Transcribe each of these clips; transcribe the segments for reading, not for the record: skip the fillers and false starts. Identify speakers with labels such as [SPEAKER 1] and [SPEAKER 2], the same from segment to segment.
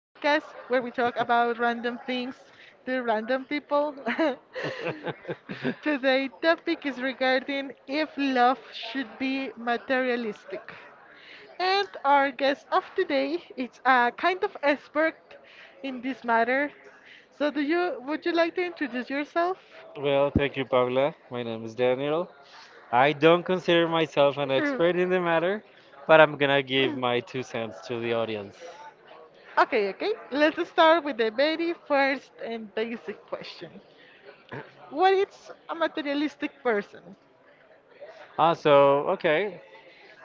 [SPEAKER 1] where we talk about random things to random people. Today topic is regarding if love should be materialistic. And our guest of today is a kind of expert in this matter. So do you would you like to introduce yourself?
[SPEAKER 2] Well, thank you, Paula. My name is Daniel. I don't consider myself an expert in the matter, but I'm gonna give my two cents to the audience.
[SPEAKER 1] Okay, okay. Let's start with the very first and basic question. What is a materialistic person?
[SPEAKER 2] So, okay.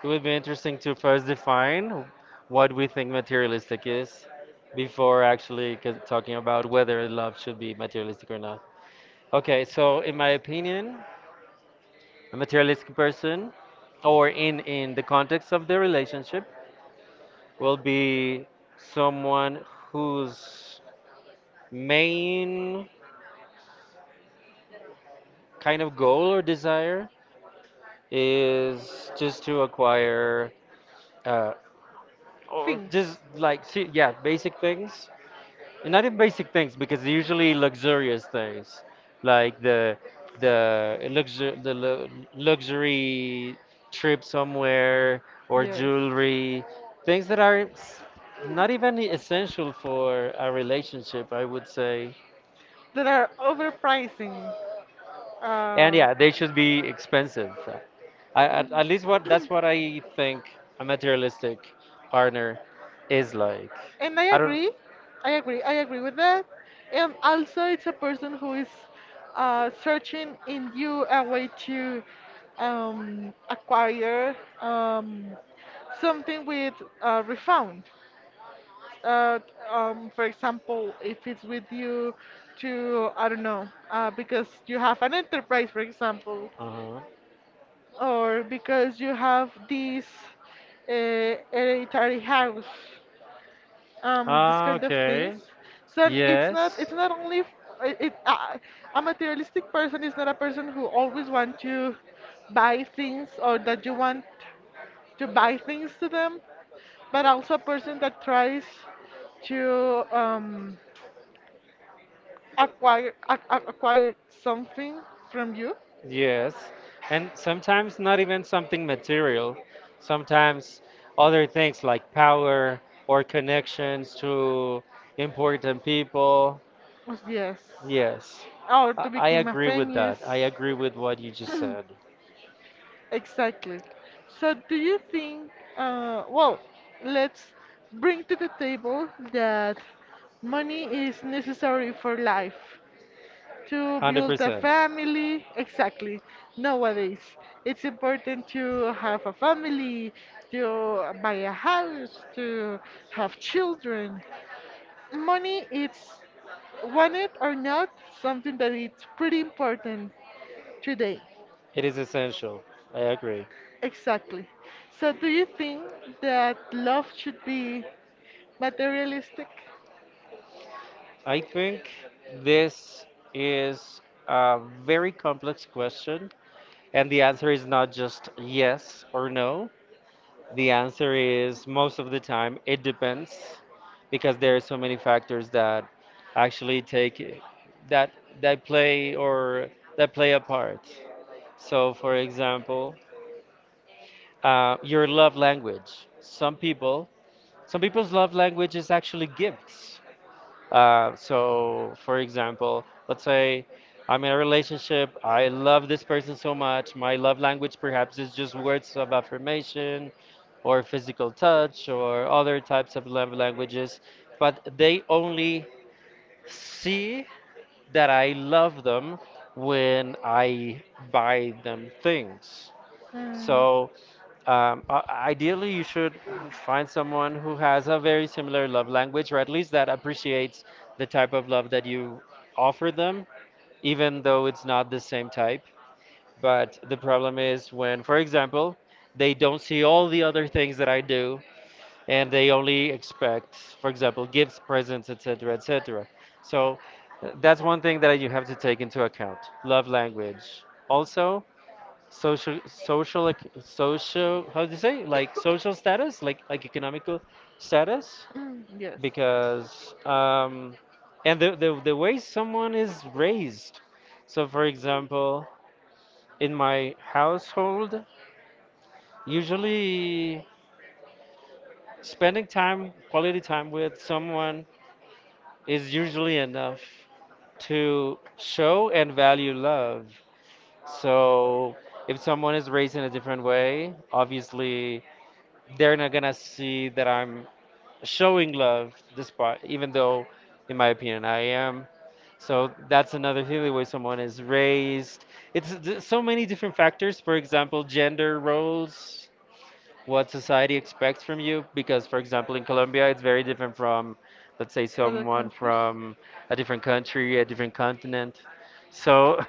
[SPEAKER 2] It would be interesting to first define what we think materialistic is before actually talking about whether love should be materialistic or not. Okay, so in my opinion, a materialistic person, or in the context of the relationship, will be someone who's main kind of goal or desire is just to acquire, uh, or
[SPEAKER 1] Things.
[SPEAKER 2] just like see, yeah, basic things. And not even basic things because they're usually luxurious things, like the luxury trip somewhere, or
[SPEAKER 1] Yes.
[SPEAKER 2] jewelry, things that are not even essential for a relationship, I would say.
[SPEAKER 1] That are overpricing.
[SPEAKER 2] And
[SPEAKER 1] Uh,
[SPEAKER 2] yeah, they should be expensive. I, at least what that's what I think a materialistic partner is like.
[SPEAKER 1] And I
[SPEAKER 2] I don't.
[SPEAKER 1] agree, I agree with that. And also, it's a person who is searching in you a way to acquire something with refound. Uh, for example, if it's with you to, I don't know, because you have an enterprise, for example,
[SPEAKER 2] Uh
[SPEAKER 1] or because you have this hereditary house, this,
[SPEAKER 2] huh.
[SPEAKER 1] kind of, okay,
[SPEAKER 2] Okay.
[SPEAKER 1] things. So it's, yes, not
[SPEAKER 2] Yes.
[SPEAKER 1] it's not only f- it a materialistic person is not a person who always want to buy things or that you want to buy things to them, but also a person that tries to acquire acquire something from you.
[SPEAKER 2] Yes. And sometimes not even something material. Sometimes other things like power or connections to important people.
[SPEAKER 1] Yes.
[SPEAKER 2] Yes.
[SPEAKER 1] Or
[SPEAKER 2] I,
[SPEAKER 1] to
[SPEAKER 2] I
[SPEAKER 1] become a
[SPEAKER 2] agree with
[SPEAKER 1] famous.
[SPEAKER 2] that. I agree with what you just said.
[SPEAKER 1] Exactly. So, do you think, well, let's bring to the table that money is necessary for life to build a
[SPEAKER 2] 100%.
[SPEAKER 1] family. Exactly. Nowadays, it's important to have a family, to buy a house, to have children. Money, it's want it or not, something that it's pretty important today.
[SPEAKER 2] It is essential. I agree.
[SPEAKER 1] Exactly. So, do you think that love should be materialistic?
[SPEAKER 2] I think this is a very complex question, and the answer is not just yes or no. The answer is most of the time it depends because there are so many factors that actually take that that play or that play a part. So, for example, your love language. Some people's love language is actually gifts. So, for example, let's say I'm in a relationship, I love this person so much. My love language perhaps is just words of affirmation or physical touch or other types of love languages, but they only see that I love them when I buy them things.
[SPEAKER 1] Mm.
[SPEAKER 2] So, um, i- ideally, you should find someone who has a very similar love language, or at least that appreciates the type of love that you offer them, even though it's not the same type. But the problem is when, for example, they don't see all the other things that I do, and they only expect, for example, gifts, presents, etc., etc. So, that's one thing that you have to take into account, love language. Also, social, how do you say, like social status, like economical status,
[SPEAKER 1] Mm, yes.
[SPEAKER 2] because and the way someone is raised. So, for example, in my household, usually spending time quality time with someone is usually enough to show and value love. So if someone is raised in a different way, obviously they're not gonna see that I'm showing love, despite even though in my opinion I am. So that's another thing, the way someone is raised. So many different factors, for example, gender roles, what society expects from you, because for example in Colombia it's very different from, let's say,
[SPEAKER 1] Other
[SPEAKER 2] someone
[SPEAKER 1] countries?
[SPEAKER 2] from a different country, a different continent. So,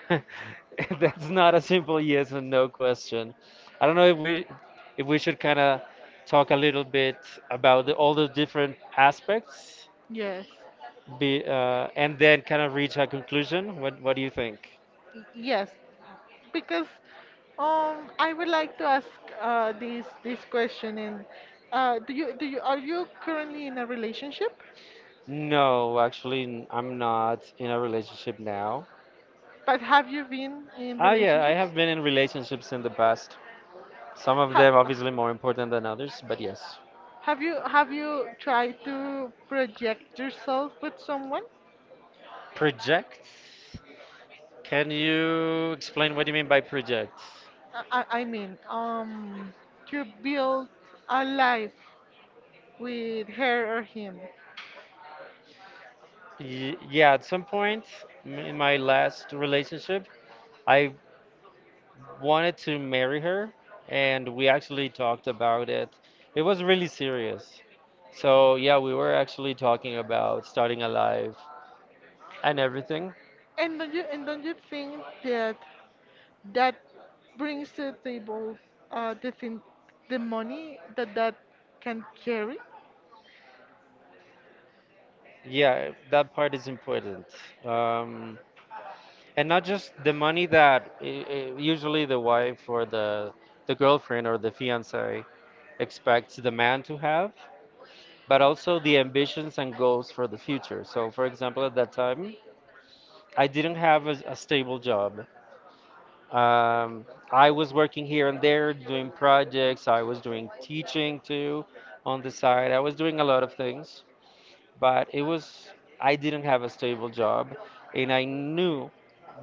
[SPEAKER 2] that's not a simple yes or no question. I don't know if we, if we should kind of talk a little bit about all the different aspects,
[SPEAKER 1] Yes.
[SPEAKER 2] and then kind of reach a conclusion. What do you think?
[SPEAKER 1] Yes. Because I would like to ask this question. And do you are you currently in a relationship?
[SPEAKER 2] No, actually, I'm not in a relationship now.
[SPEAKER 1] But have you been in
[SPEAKER 2] Yeah, I
[SPEAKER 1] relationships?
[SPEAKER 2] have been in relationships in the past. Some of
[SPEAKER 1] Ha-
[SPEAKER 2] them obviously more important than others, but yes.
[SPEAKER 1] Have you tried to project yourself with someone?
[SPEAKER 2] Project? Can you explain what you mean by project?
[SPEAKER 1] I mean, to build a life with her or him.
[SPEAKER 2] Yeah, at some point, in my last relationship, I wanted to marry her, and we actually talked about it. It was really serious. So, yeah, we were actually talking about starting a life. And everything?
[SPEAKER 1] And don't you think that that brings to the table uh, the thing, the money that that can carry?
[SPEAKER 2] Yeah, that part is important. Um, and not just the money that I usually the wife, or the girlfriend, or the fiance expects the man to have, but also the ambitions and goals for the future. So, for example, at that time, I didn't have a stable job. Um, I was working here and there, doing projects. I was doing teaching too on the side. I was doing a lot of things, but it was I didn't have a stable job, and I knew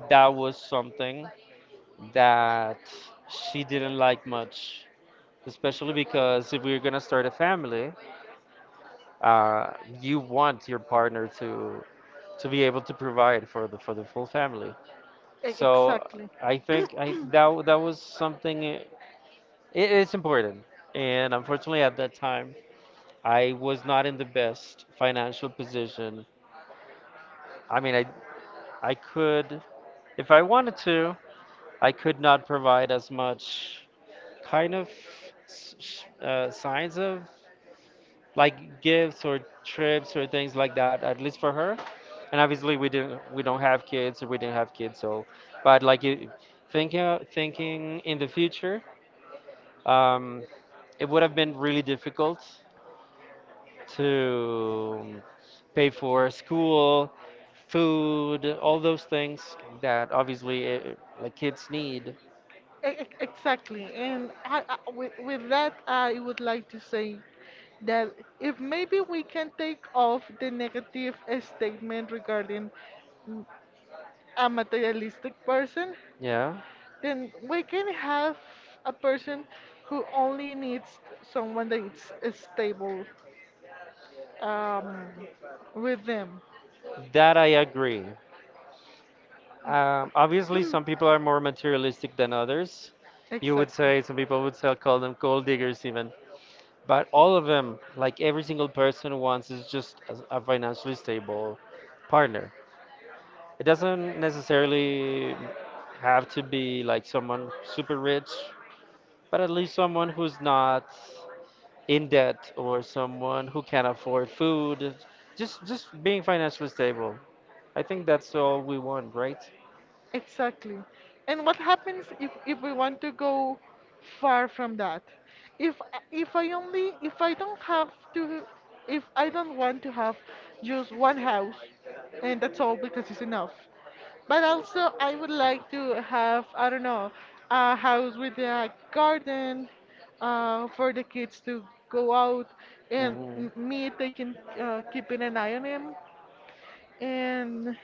[SPEAKER 2] that was something that she didn't like much, especially because if we're gonna start a family, uh, you want your partner to be able to provide for the full family. So
[SPEAKER 1] Exactly.
[SPEAKER 2] I think that was something. It is important, and unfortunately at that time I was not in the best financial position. I mean I could, if I wanted to, I could not provide as much kind of signs of, like, gifts or trips or things like that, at least for her. And obviously we don't have kids, or we didn't have kids. So but, like, it, thinking in the future, um, it would have been really difficult to pay for school, food, all those things that obviously, like, kids need.
[SPEAKER 1] Exactly, and with that, I would like to say that if maybe we can take off the negative statement regarding, mm, a materialistic person,
[SPEAKER 2] Yeah,
[SPEAKER 1] then we can have a person who only needs someone that is stable um, with them.
[SPEAKER 2] that I agree. Obviously, some people are more materialistic than others. You would
[SPEAKER 1] Exactly.
[SPEAKER 2] say Some people would say, call them gold diggers, even. But all of them, like every single person, wants is just a financially stable partner. It doesn't necessarily have to be like someone super rich, but at least someone who's not in debt, or someone who can afford food. Just being financially stable. I think that's all we want, right?
[SPEAKER 1] Exactly. And what happens if we want to go far from that? If I only if I don't have to if I don't want to have just one house and that's all because it's enough. But also I would like to have, I don't know, a house with a garden, for the kids to go out and
[SPEAKER 2] Hmm.
[SPEAKER 1] me taking, keeping an eye on them, and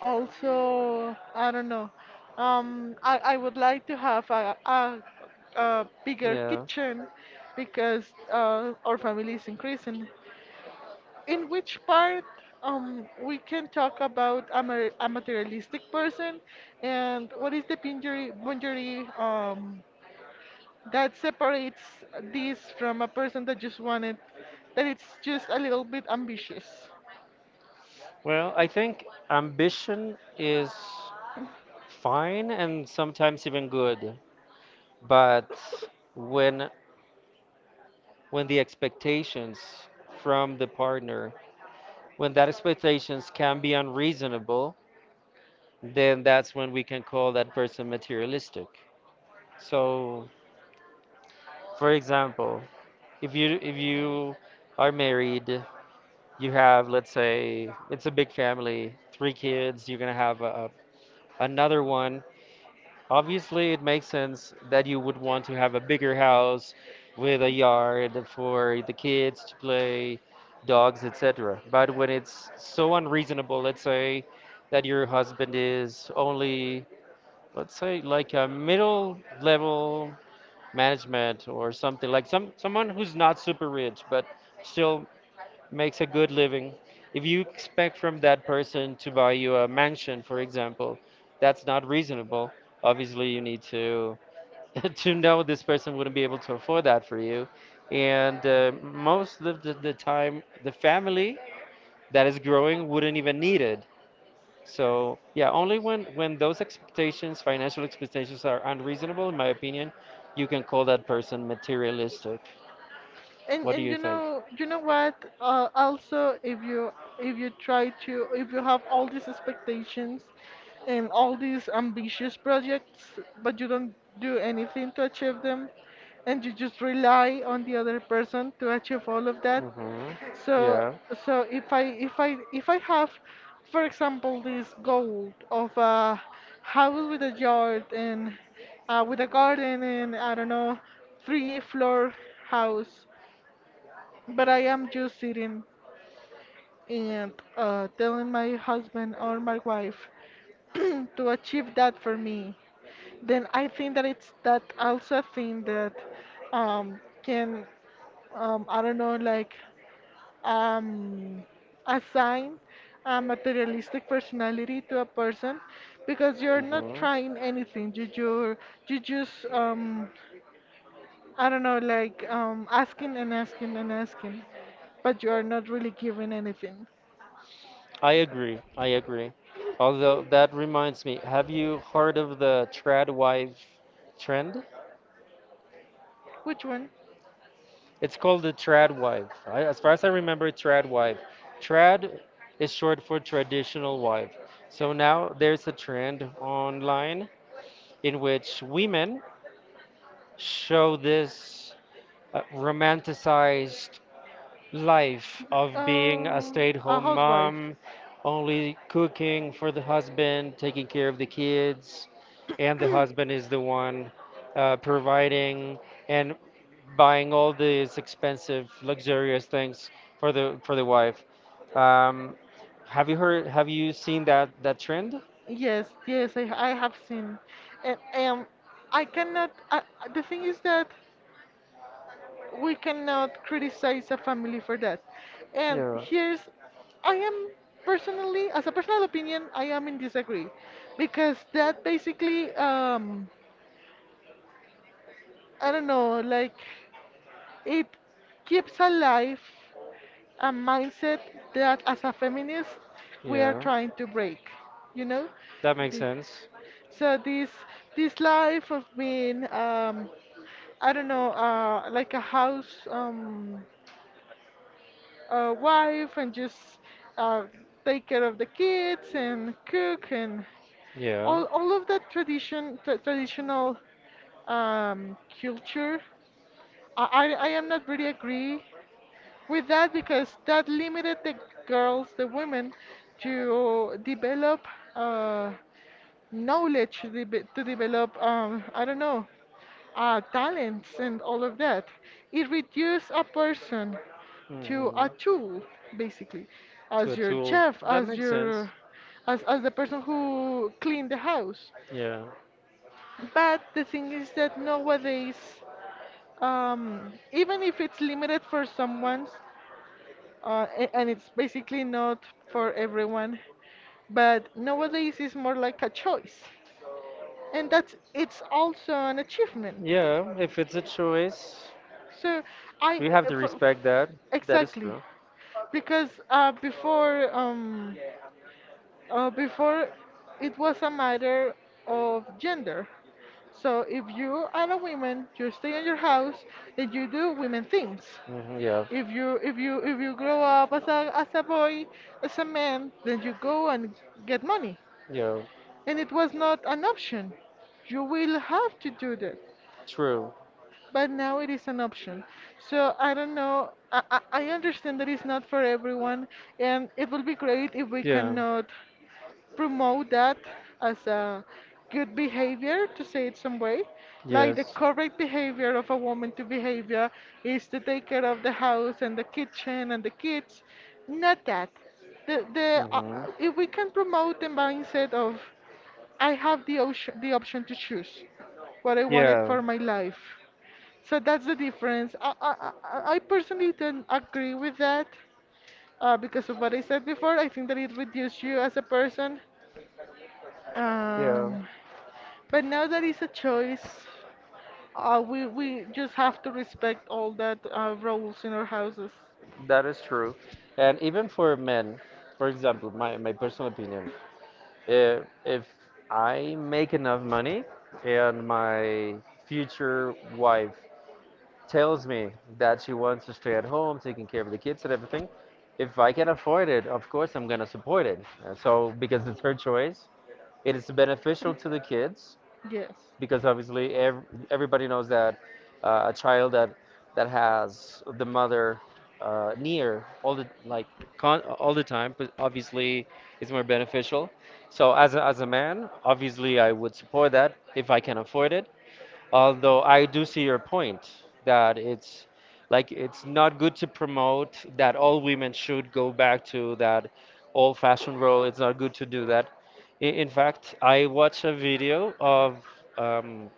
[SPEAKER 1] also, I don't know. I would like to have a bigger
[SPEAKER 2] Yeah.
[SPEAKER 1] kitchen, because our family is increasing. In which part we can talk about a materialistic person, and what is the boundary, that separates this from a person that just wanted, that it's just a little bit ambitious?
[SPEAKER 2] Well, I think ambition is fine and sometimes even good, but when when the expectations from the partner, when that expectations can be unreasonable, then that's when we can call that person materialistic. So, for example, if you are married, you have, let's say it's a big family, three kids, you're gonna have another one. Obviously, it makes sense that you would want to have a bigger house with a yard for the kids to play, dogs, etc. But when it's so unreasonable, let's say that your husband is only, let's say, like a middle level management or something, like someone who's not super rich but still makes a good living. If you expect from that person to buy you a mansion, for example, that's not reasonable. Obviously, you need to to know this person wouldn't be able to afford that for you. And most of the time, the family that is growing wouldn't even need it. So yeah, only when those expectations, financial expectations, are unreasonable, in my opinion, you can call that person materialistic. What do
[SPEAKER 1] And
[SPEAKER 2] you
[SPEAKER 1] You
[SPEAKER 2] think?
[SPEAKER 1] know, you know what also if you try to, if you have all these expectations and all these ambitious projects, but you don't do anything to achieve them, and you just rely on the other person to achieve all of that.
[SPEAKER 2] Hmm.
[SPEAKER 1] so
[SPEAKER 2] Yeah.
[SPEAKER 1] if I have, for example, this goal of a house with a yard and, with a garden, and, I don't know, three floor house, but I am just sitting and, telling my husband or my wife to achieve that for me. Then I think that it's that also a thing that can, I don't know, like, um, assign a materialistic personality to a person, because you're not
[SPEAKER 2] hmm
[SPEAKER 1] trying anything. You just, I don't know, like, asking and asking and asking, but you are not really giving anything.
[SPEAKER 2] I agree. I agree. Although that reminds me, have you heard of the trad wife trend?
[SPEAKER 1] Which one?
[SPEAKER 2] It's called the trad wife. I, as far as I remember, trad wife. Trad is short for traditional wife. So now there's a trend online in which women show this romanticized life of being a
[SPEAKER 1] Um, a
[SPEAKER 2] stay-at-home
[SPEAKER 1] housewife.
[SPEAKER 2] mom, only cooking for the husband, taking care of the kids, and the husband is the one providing and buying all these expensive, luxurious things for the wife. Um, have you heard? Have you seen that trend?
[SPEAKER 1] Yes, yes, I have seen. And I cannot, I, the thing is that we cannot criticize a family for that. And
[SPEAKER 2] Yeah,
[SPEAKER 1] here's, I am personally, as a personal opinion, I am in disagree, because that basically, I don't know, like, it keeps alive a mindset that as a feminist we are
[SPEAKER 2] yeah,
[SPEAKER 1] trying to break, you know?
[SPEAKER 2] that makes
[SPEAKER 1] The-
[SPEAKER 2] sense.
[SPEAKER 1] So this life of being, I don't know, uh, like a wife, and just uh take care of the kids and cook and
[SPEAKER 2] Yeah.
[SPEAKER 1] all of that traditional culture, I am not really agree with that, because that limited the girls, the women, to develop, uh, knowledge, to, to develop, I don't know, talents and all of that. It reduced a person to a
[SPEAKER 2] hmm
[SPEAKER 1] tool, basically,
[SPEAKER 2] to a
[SPEAKER 1] as your
[SPEAKER 2] tool.
[SPEAKER 1] chef,
[SPEAKER 2] That
[SPEAKER 1] as
[SPEAKER 2] makes sense.
[SPEAKER 1] your, as the person who cleaned the house.
[SPEAKER 2] Yeah.
[SPEAKER 1] But the thing is that nowadays, even if it's limited for someone, and it's basically not for everyone. But nowadays it's more like a choice, and that's, it's also an achievement.
[SPEAKER 2] Yeah, if it's a choice,
[SPEAKER 1] So I
[SPEAKER 2] we have
[SPEAKER 1] uh,
[SPEAKER 2] to
[SPEAKER 1] for,
[SPEAKER 2] respect that. That is
[SPEAKER 1] exactly,
[SPEAKER 2] true.
[SPEAKER 1] because before it was a matter of gender. So if you are a woman, you stay in your house and you do women things.
[SPEAKER 2] Hmm, yeah.
[SPEAKER 1] If you grow up as a boy, as a man, then you go and get money.
[SPEAKER 2] Yeah,
[SPEAKER 1] And it was not an option. You will have to do that.
[SPEAKER 2] true.
[SPEAKER 1] But now it is an option. So I don't know. I understand that it's not for everyone, and it will be great if we
[SPEAKER 2] Yeah,
[SPEAKER 1] cannot promote that as a good behavior, to say it some way. Like the
[SPEAKER 2] yes.
[SPEAKER 1] correct behavior of a woman to behavior is to take care of the house and the kitchen and the kids. Not that.
[SPEAKER 2] Hmm,
[SPEAKER 1] If we can promote the mindset of I have the, ocean, the option to choose what I wanted
[SPEAKER 2] yeah,
[SPEAKER 1] for my life. So that's the difference. I personally don't agree with that because of what I said before. I think that it reduces you as a person.
[SPEAKER 2] yeah.
[SPEAKER 1] Um, but now that is a choice, we just have to respect all that rules in our houses.
[SPEAKER 2] That is true. And even for men, for example, my personal opinion, if I make enough money and my future wife tells me that she wants to stay at home, taking care of the kids and everything, if I can afford it, of course I'm gonna support it. So because it's her choice, it is beneficial to the kids,
[SPEAKER 1] Yes,
[SPEAKER 2] because obviously everybody knows that, a child that has the mother, near all the, all the time, but obviously is more beneficial. So as a man, obviously I would support that if I can afford it. Although I do see your point that it's not good to promote that all women should go back to that old-fashioned role. It's not good to do that. In fact, I watched a video of, um,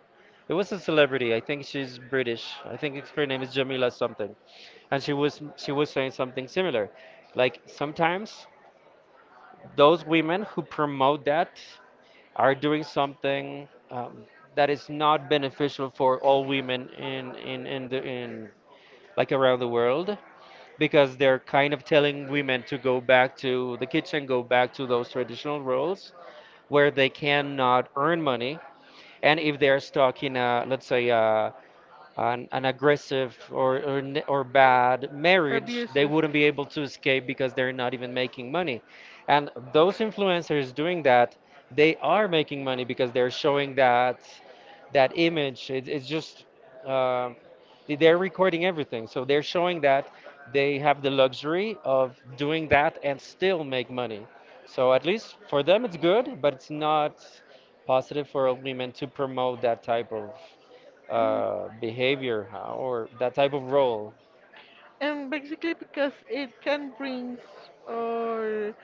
[SPEAKER 2] it was a celebrity. I think she's British. I think her name is Jamila something, and she was saying something similar. Like sometimes those women who promote that are doing something, that is not beneficial for all women in the in like around the world, because they're kind of telling women to go back to the kitchen, go back to those traditional roles where they cannot earn money. And if they're stuck in a, let's say, an aggressive, or, or bad marriage, they
[SPEAKER 1] abusive.
[SPEAKER 2] wouldn't be able to escape because they're not even making money. And those influencers doing that, they are making money because they're showing that image. It, it's just um, they're recording everything, so they're showing that they have the luxury of doing that and still make money. So at least for them, it's good, but it's not positive for women to promote that type of
[SPEAKER 1] Mhm.
[SPEAKER 2] behavior huh, or that type of role.
[SPEAKER 1] And basically because it can bring or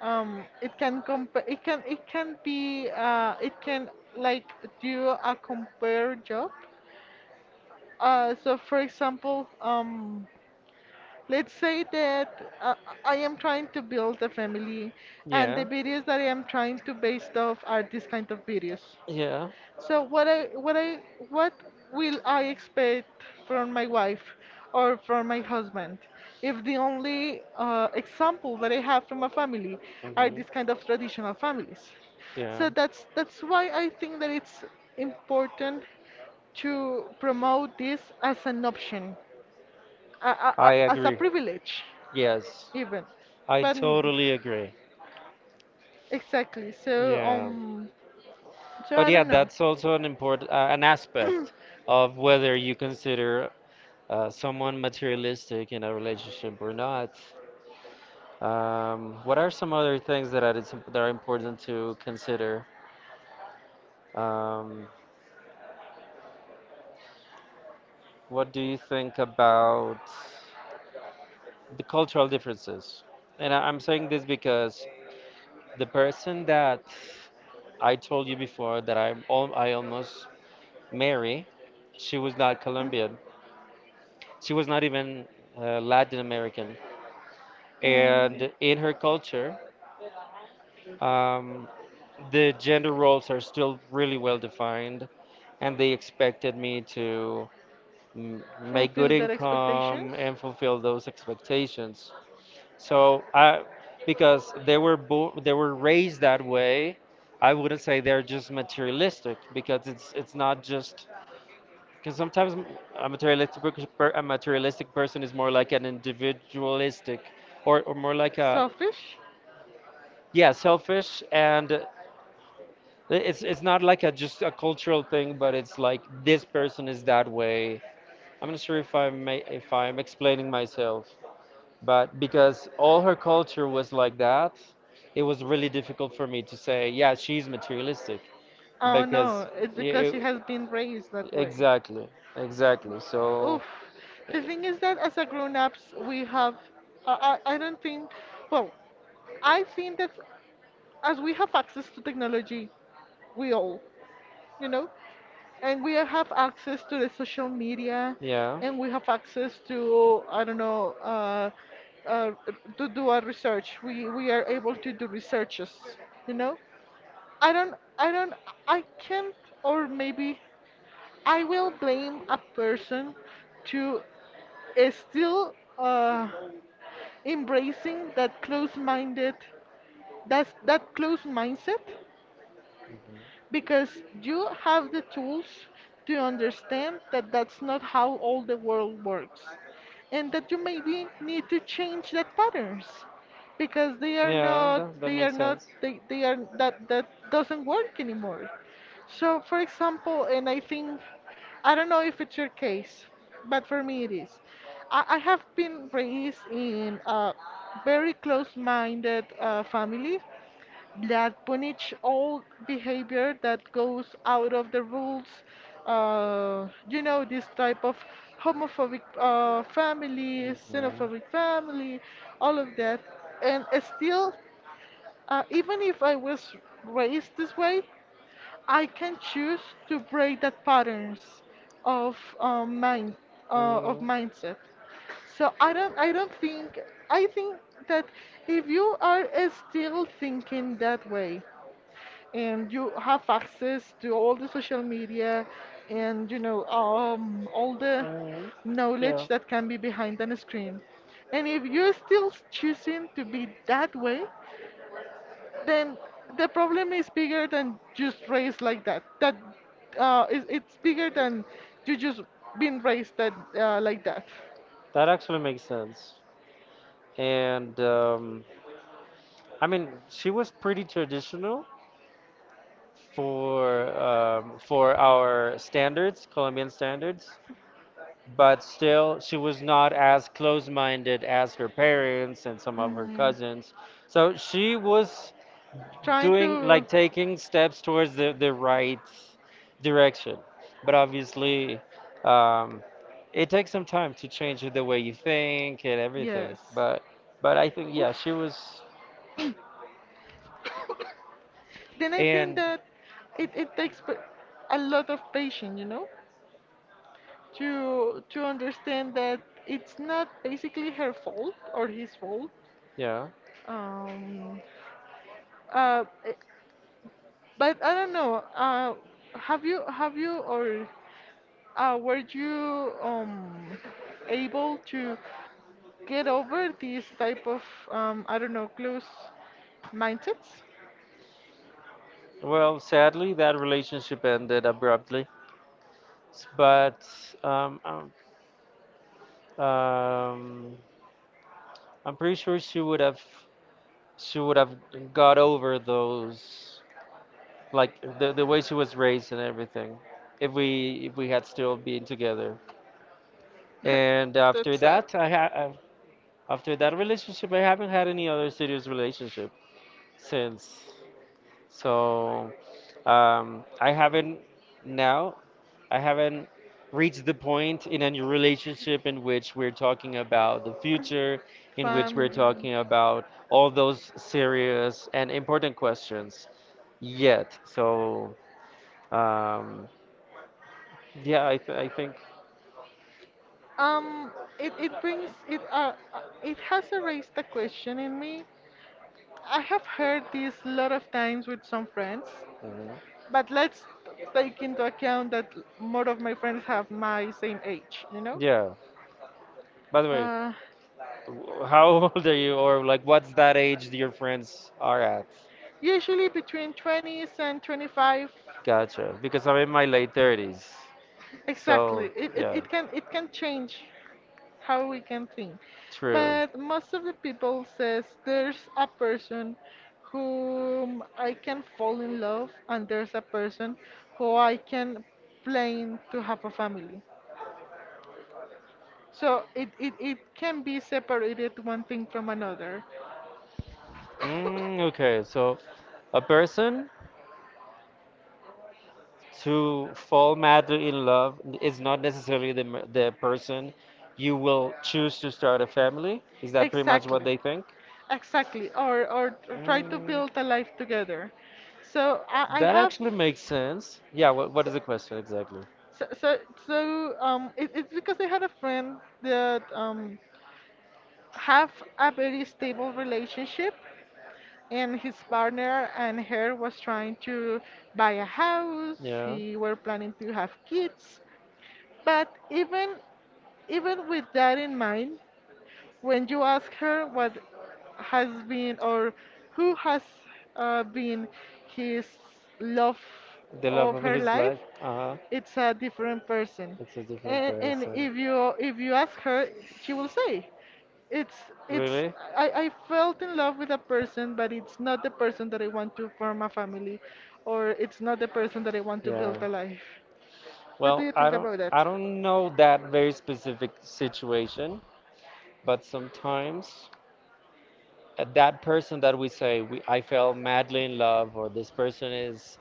[SPEAKER 1] it can compare, it can be it can, like, do a compare job. So for example, let's say that, I am trying to build a family, and the
[SPEAKER 2] Yeah,
[SPEAKER 1] videos that I am trying to based off are this kind of videos.
[SPEAKER 2] yeah,
[SPEAKER 1] So what will I expect from my wife or from my husband, if the only, example that I have from a family are these
[SPEAKER 2] hmm
[SPEAKER 1] kind of traditional families?
[SPEAKER 2] yeah.
[SPEAKER 1] So that's why I think that it's important to promote this as an option,
[SPEAKER 2] I
[SPEAKER 1] as a
[SPEAKER 2] agree.
[SPEAKER 1] privilege
[SPEAKER 2] Yes,
[SPEAKER 1] even.
[SPEAKER 2] I
[SPEAKER 1] But
[SPEAKER 2] totally agree.
[SPEAKER 1] exactly. So
[SPEAKER 2] Yeah,
[SPEAKER 1] so
[SPEAKER 2] but
[SPEAKER 1] I
[SPEAKER 2] yeah,
[SPEAKER 1] don't know.
[SPEAKER 2] that's also an important an aspect of whether you consider someone materialistic in a relationship or not. What are some other things that are important to consider? Um, what do you think about the cultural differences? And I'm saying this because the person that I told you before that I almost marry, she was not Colombian. She was not even Latin American. And in her culture, um, the gender roles are still really well defined, and they expected me to
[SPEAKER 1] And
[SPEAKER 2] make good
[SPEAKER 1] fulfill their expectations.
[SPEAKER 2] income and fulfill those expectations. So I, because they were raised that way, I wouldn't say they're just materialistic because it's not just because sometimes a materialistic person is more like an individualistic or more like a
[SPEAKER 1] Selfish?
[SPEAKER 2] yeah, selfish, and it's not like a just a cultural thing, but it's like this person is that way. I'm not sure if I may if I'm explaining myself. But because all her culture was like that, it was really difficult for me to say, yeah, she's materialistic.
[SPEAKER 1] Oh
[SPEAKER 2] Because,
[SPEAKER 1] no, it's
[SPEAKER 2] yeah,
[SPEAKER 1] because she
[SPEAKER 2] it-
[SPEAKER 1] has been raised that way.
[SPEAKER 2] exactly, exactly. So,
[SPEAKER 1] Oof. The thing is that as a grown-ups, we have. I don't think. Well, I think that as we have access to technology, we all. You know, and we have access to the social media,
[SPEAKER 2] yeah,
[SPEAKER 1] and we have access to, I don't know, uh, to do our research, we are able to do researches. You know, I don't I don't I can't or maybe I will blame a person to is still, embracing that close-minded, that close mindset, because you have the tools to understand that that's not how all the world works, and that you maybe need to change that patterns, because
[SPEAKER 2] yeah, that, that makes sense.
[SPEAKER 1] they are, that that doesn't work anymore. So for example, and I think, I don't know if it's your case, but for me it is, I have been raised in a very close-minded, family, that punish all behavior that goes out of the rules. You know, this type of homophobic, family,
[SPEAKER 2] Hmm.
[SPEAKER 1] xenophobic family, all of that. And, still, even if I was raised this way, I can choose to break that patterns of, mind of
[SPEAKER 2] Mm,
[SPEAKER 1] mindset. So I don't think, I think that if you are, still thinking that way, and you have access to all the social media, and you know, all the
[SPEAKER 2] alright. Yeah,
[SPEAKER 1] knowledge that can be behind a screen, and if you're still choosing to be that way, then the problem is bigger than just raised like that, that, it's bigger than you just being raised that, like that.
[SPEAKER 2] that actually makes sense. And I mean, she was pretty traditional for our standards, Colombian standards, but still she was not as close-minded as her parents and some of her
[SPEAKER 1] Mm.
[SPEAKER 2] cousins. So she was
[SPEAKER 1] Trying
[SPEAKER 2] doing, like, taking steps towards the
[SPEAKER 1] to.
[SPEAKER 2] right direction, but obviously um, it takes some time to change the way you think and everything.
[SPEAKER 1] Yes.
[SPEAKER 2] But I think yeah,
[SPEAKER 1] Oof.
[SPEAKER 2] she was,
[SPEAKER 1] Then I think
[SPEAKER 2] and
[SPEAKER 1] that it a lot of patience, you know, to understand that it's not basically her fault or his fault.
[SPEAKER 2] yeah,
[SPEAKER 1] Um, uh, eh, but I don't know. Have you or were you able to get over these type of I don't know close mindsets?
[SPEAKER 2] well, sadly that relationship ended abruptly. But um, um, um, I'm pretty sure she would have, she would have got over those, like, the way she was raised and everything if we had still been together. And
[SPEAKER 1] That's
[SPEAKER 2] after
[SPEAKER 1] sad.
[SPEAKER 2] that, after that relationship, I haven't had any other serious relationship since. So I haven't, now, I haven't reached the point in any relationship in which we're talking about the future, in which
[SPEAKER 1] Family.
[SPEAKER 2] we're
[SPEAKER 1] Family.
[SPEAKER 2] talking about all those serious and important questions yet. So um, yeah, I think,
[SPEAKER 1] Um, it it has erased the question in me. I have heard this a lot of times with some friends,
[SPEAKER 2] mhm.
[SPEAKER 1] but let's take into account that more of my friends have my same age, you know?
[SPEAKER 2] Yeah. By the way,
[SPEAKER 1] Uh,
[SPEAKER 2] how old are you, or like what's that age that your friends are at?
[SPEAKER 1] Usually between 20s and 25.
[SPEAKER 2] Gotcha. Because I'm in my late 30s. So,
[SPEAKER 1] Exactly, it, it,
[SPEAKER 2] yeah.
[SPEAKER 1] it can it can change how we can think.
[SPEAKER 2] True.
[SPEAKER 1] But most of the people says there's a person whom I can fall in love and there's a person who I can plan to have a family. So it can be separated one thing from another.
[SPEAKER 2] Mm, okay, so a person to fall madly in love is not necessarily the, the person you will choose to start a family. Is that pretty much what
[SPEAKER 1] Exactly.
[SPEAKER 2] they think?
[SPEAKER 1] Exactly. Or, or try to
[SPEAKER 2] Mm,
[SPEAKER 1] build a life together. So I
[SPEAKER 2] that
[SPEAKER 1] have
[SPEAKER 2] actually makes sense. Yeah, what
[SPEAKER 1] so,
[SPEAKER 2] is the question exactly?
[SPEAKER 1] so, so, so it's because I had a friend that have a very stable relationship and his partner and her was trying to buy a house,
[SPEAKER 2] Yeah,
[SPEAKER 1] he were planning to have kids, but even even with that in mind, when you ask her what has been or who has been his love
[SPEAKER 2] the love
[SPEAKER 1] of
[SPEAKER 2] of
[SPEAKER 1] her
[SPEAKER 2] his
[SPEAKER 1] life,
[SPEAKER 2] life. Uh-huh.
[SPEAKER 1] it's a different person.
[SPEAKER 2] It's a different
[SPEAKER 1] And
[SPEAKER 2] person.
[SPEAKER 1] if you ask her, she will say, it's it's
[SPEAKER 2] Really?
[SPEAKER 1] I felt in love with a person, but it's not the person that I want to form a family, or it's not the person that I want to build
[SPEAKER 2] Yeah.
[SPEAKER 1] a life. What do
[SPEAKER 2] Well,
[SPEAKER 1] you
[SPEAKER 2] I
[SPEAKER 1] think
[SPEAKER 2] don't
[SPEAKER 1] about
[SPEAKER 2] I
[SPEAKER 1] that?
[SPEAKER 2] don't know that very specific situation, but sometimes that person that we say we, I fell madly in love, or this person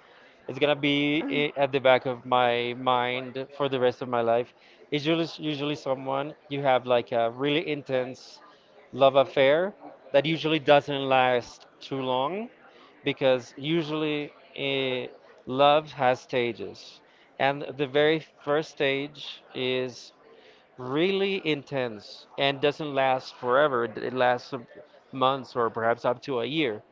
[SPEAKER 2] is gonna be at the back of my mind for the rest of my life, is usually usually someone you have like a really intense love affair that usually doesn't last too long because usually love has stages, and the very first stage is really intense and doesn't last forever. It lasts some months or perhaps up to a year.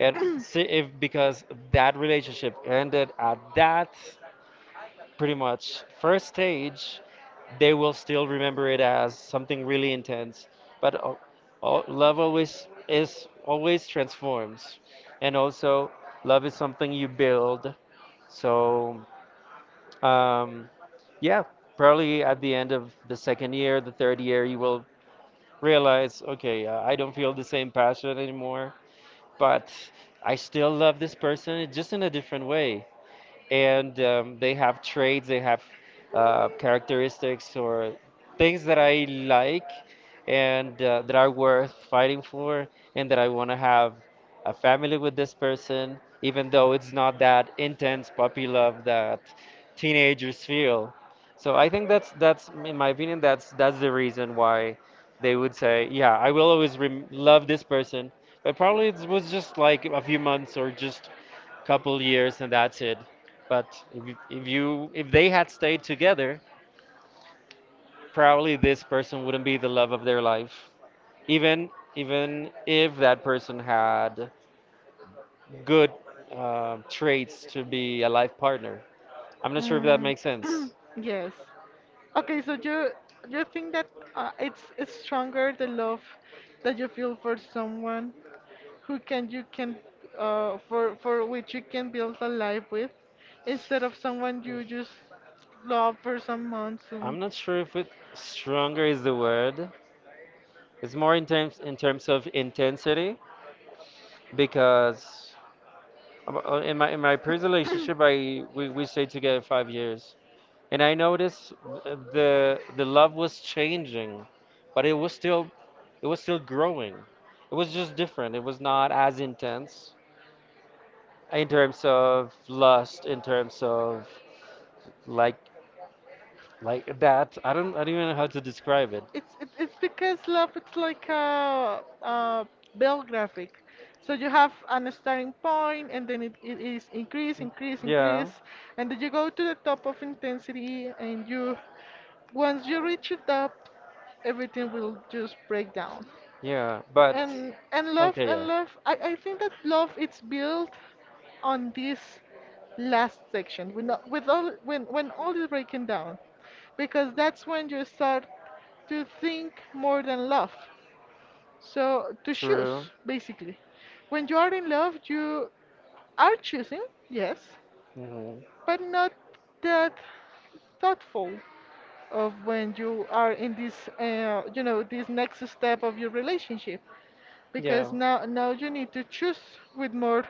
[SPEAKER 2] And see if because that relationship ended at that pretty much first stage, they will still remember it as something really intense. But love always is always transforms, and also love is something you build. So um, yeah, probably at the end of the second year, the third year, you will realize, okay, I don't feel the same passion anymore, but I still love this person, just in a different way, and they have traits, they have characteristics or things that I like, and that are worth fighting for, and that I want to have a family with this person, even though it's not that intense puppy love that teenagers feel. So I think that's in my opinion that's the reason why they would say, yeah, I will always love this person, but probably it was just like a few months or just couple years, and that's it. But if you if they had stayed together, probably this person wouldn't be the love of their life. Even even if that person had good traits to be a life partner. I'm not sure if that
[SPEAKER 1] Mm.
[SPEAKER 2] makes sense.
[SPEAKER 1] Yes. Okay, so you think that it's stronger the love that you feel for someone who can you can for which you can build a life with, instead of someone you just love for some months and.
[SPEAKER 2] I'm not sure if it stronger is the word. It's more in terms of intensity because in my previous relationship we stayed together 5 years, and I noticed the love was changing, but it was still growing. It was just different. It was not as intense in terms of lust, in terms of like like that. I don't even know how to describe it.
[SPEAKER 1] It's it's because love it's like a bell graphic. So you have an starting point and then it is increase, increase,
[SPEAKER 2] Yeah,
[SPEAKER 1] increase, and then you go to the top of intensity and you once you reach the top, everything will just break down.
[SPEAKER 2] yeah, but
[SPEAKER 1] and and love
[SPEAKER 2] okay, yeah,
[SPEAKER 1] and love I think that love it's built on this last section when all with all when all is breaking down, because that's when you start to think more than love, so to choose,
[SPEAKER 2] true.
[SPEAKER 1] basically. When you are in love you are choosing, yes,
[SPEAKER 2] Hmm.
[SPEAKER 1] but not that thoughtful of when you are in this you know this next step of your relationship, because
[SPEAKER 2] Yeah,
[SPEAKER 1] now you need to choose with more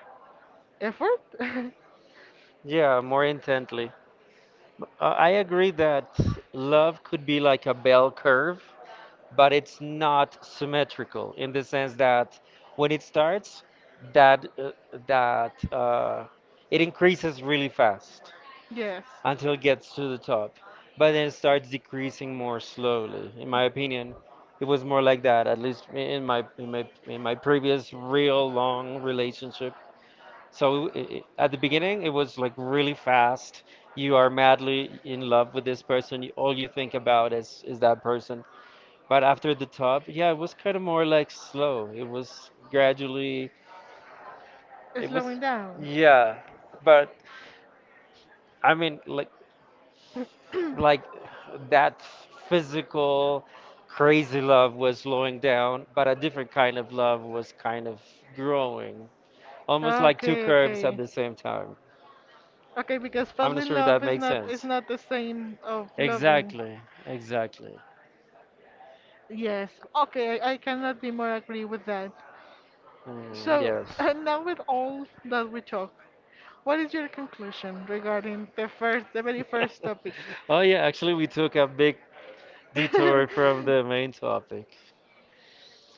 [SPEAKER 1] effort.
[SPEAKER 2] yeah, more intently. I agree that love could be like a bell curve, but it's not symmetrical in the sense that when it starts, that that uh, it increases really fast
[SPEAKER 1] Yes.
[SPEAKER 2] until it gets to the top, but then it starts decreasing more slowly. In my opinion, it was more like that, at least in my previous real long relationship. So at the beginning, it was like really fast. You are madly in love with this person. All you think about is that person. But after the top, yeah, it was kind of more like slow. It was gradually, it
[SPEAKER 1] Slowing
[SPEAKER 2] was,
[SPEAKER 1] down.
[SPEAKER 2] yeah. But I mean, like that physical crazy love was slowing down, but a different kind of love was kind of growing, almost like two
[SPEAKER 1] Okay,
[SPEAKER 2] curves at
[SPEAKER 1] okay.
[SPEAKER 2] the same time.
[SPEAKER 1] Okay, because
[SPEAKER 2] I'm
[SPEAKER 1] fall
[SPEAKER 2] not
[SPEAKER 1] in
[SPEAKER 2] sure if
[SPEAKER 1] love
[SPEAKER 2] that makes
[SPEAKER 1] is
[SPEAKER 2] sense.
[SPEAKER 1] not the same of loving.
[SPEAKER 2] Exactly, exactly.
[SPEAKER 1] Yes. Okay, I cannot be more agree with that.
[SPEAKER 2] Mm,
[SPEAKER 1] So,
[SPEAKER 2] yes.
[SPEAKER 1] and now with all that we talk, what is your conclusion regarding the first, the very first topic?
[SPEAKER 2] Oh yeah, actually we took a big detour from the main topic.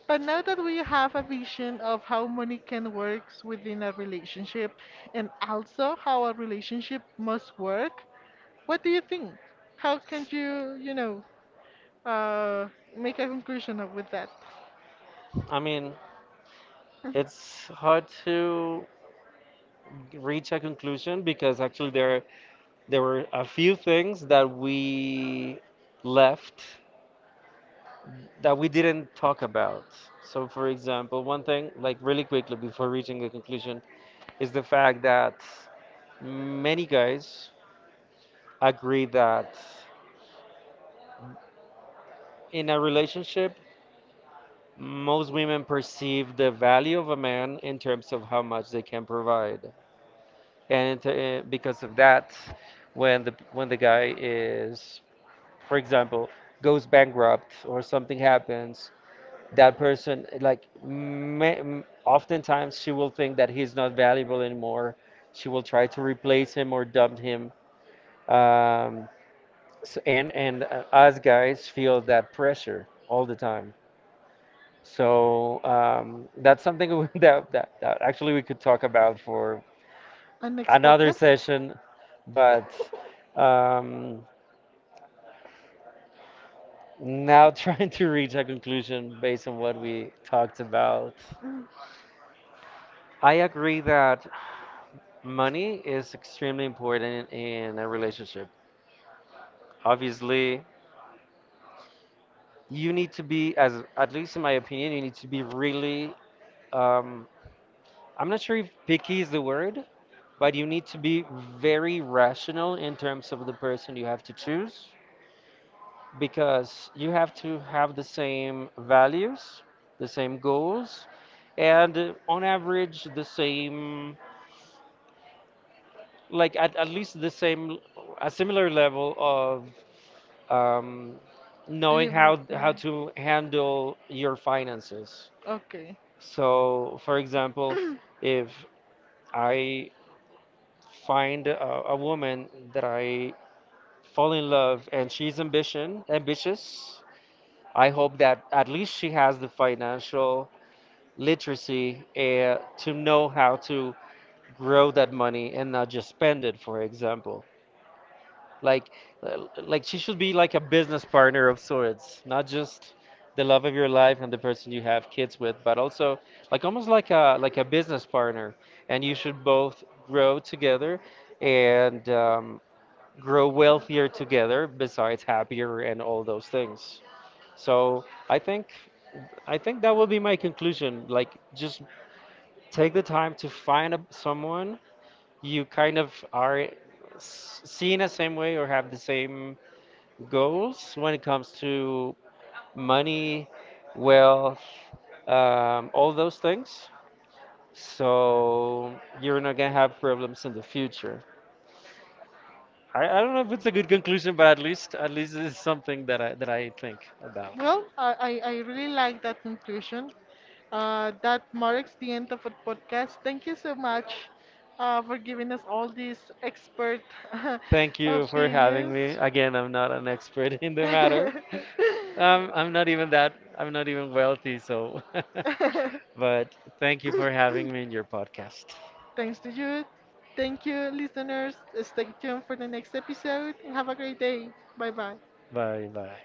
[SPEAKER 1] But now that we have a vision of how money can work within a relationship and also how a relationship must work, what do you think? How can you, you know, uh, make a conclusion of with that?
[SPEAKER 2] I mean, it's hard to reach a conclusion because actually there there were a few things that we left that we didn't talk about. So for example, one thing like really quickly before reaching a conclusion is the fact that many guys agree that in a relationship most women perceive the value of a man in terms of how much they can provide. And because of that, when the guy is, for example, goes bankrupt or something happens, that person like oftentimes she will think that he's not valuable anymore. She will try to replace him or dump him. Um, s and us guys feel that pressure all the time. So that's something that actually we could talk about for
[SPEAKER 1] And next
[SPEAKER 2] another
[SPEAKER 1] podcast?
[SPEAKER 2] session. But um, now trying to reach a conclusion based on what we talked about.
[SPEAKER 1] Mm.
[SPEAKER 2] I agree that money is extremely important in a relationship. Obviously, you need to be, as at least in my opinion, you need to be really. Um, I'm not sure if picky is the word, but you need to be very rational in terms of the person you have to choose, because you have to have the same values, the same goals, and on average, the same, like at least the same, a similar level of um, knowing
[SPEAKER 1] Leave me.
[SPEAKER 2] how
[SPEAKER 1] Mm.
[SPEAKER 2] to handle your finances.
[SPEAKER 1] Okay.
[SPEAKER 2] So, for example, if I find a woman that I fall in love and she's ambition ambitious, I hope that at least she has the financial literacy to know how to grow that money and not just spend it, for example. Like like she should be like a business partner of sorts, not just the love of your life and the person you have kids with, but also like almost like a business partner, and you should both grow together, and grow wealthier together besides happier and all those things. So i think I think that will be my conclusion. Like, just take the time to find a, someone you kind of are seeing the same way or have the same goals when it comes to money, wealth, all those things. So you're not gonna have problems in the future. I don't know if it's a good conclusion, but at least it's something that I think about.
[SPEAKER 1] Well, I, I really like that conclusion. That marks the end of our podcast. Thank you so much for giving us all these expert uh,
[SPEAKER 2] Thank you for having
[SPEAKER 1] opinions.
[SPEAKER 2] me. Again, I'm not an expert in the matter. I'm not even that. I'm not even wealthy, so. But thank you for having me in your podcast.
[SPEAKER 1] Thanks to you. Thank you, listeners. Stay tuned for the next episode and have a great day. Bye bye.
[SPEAKER 2] Bye bye.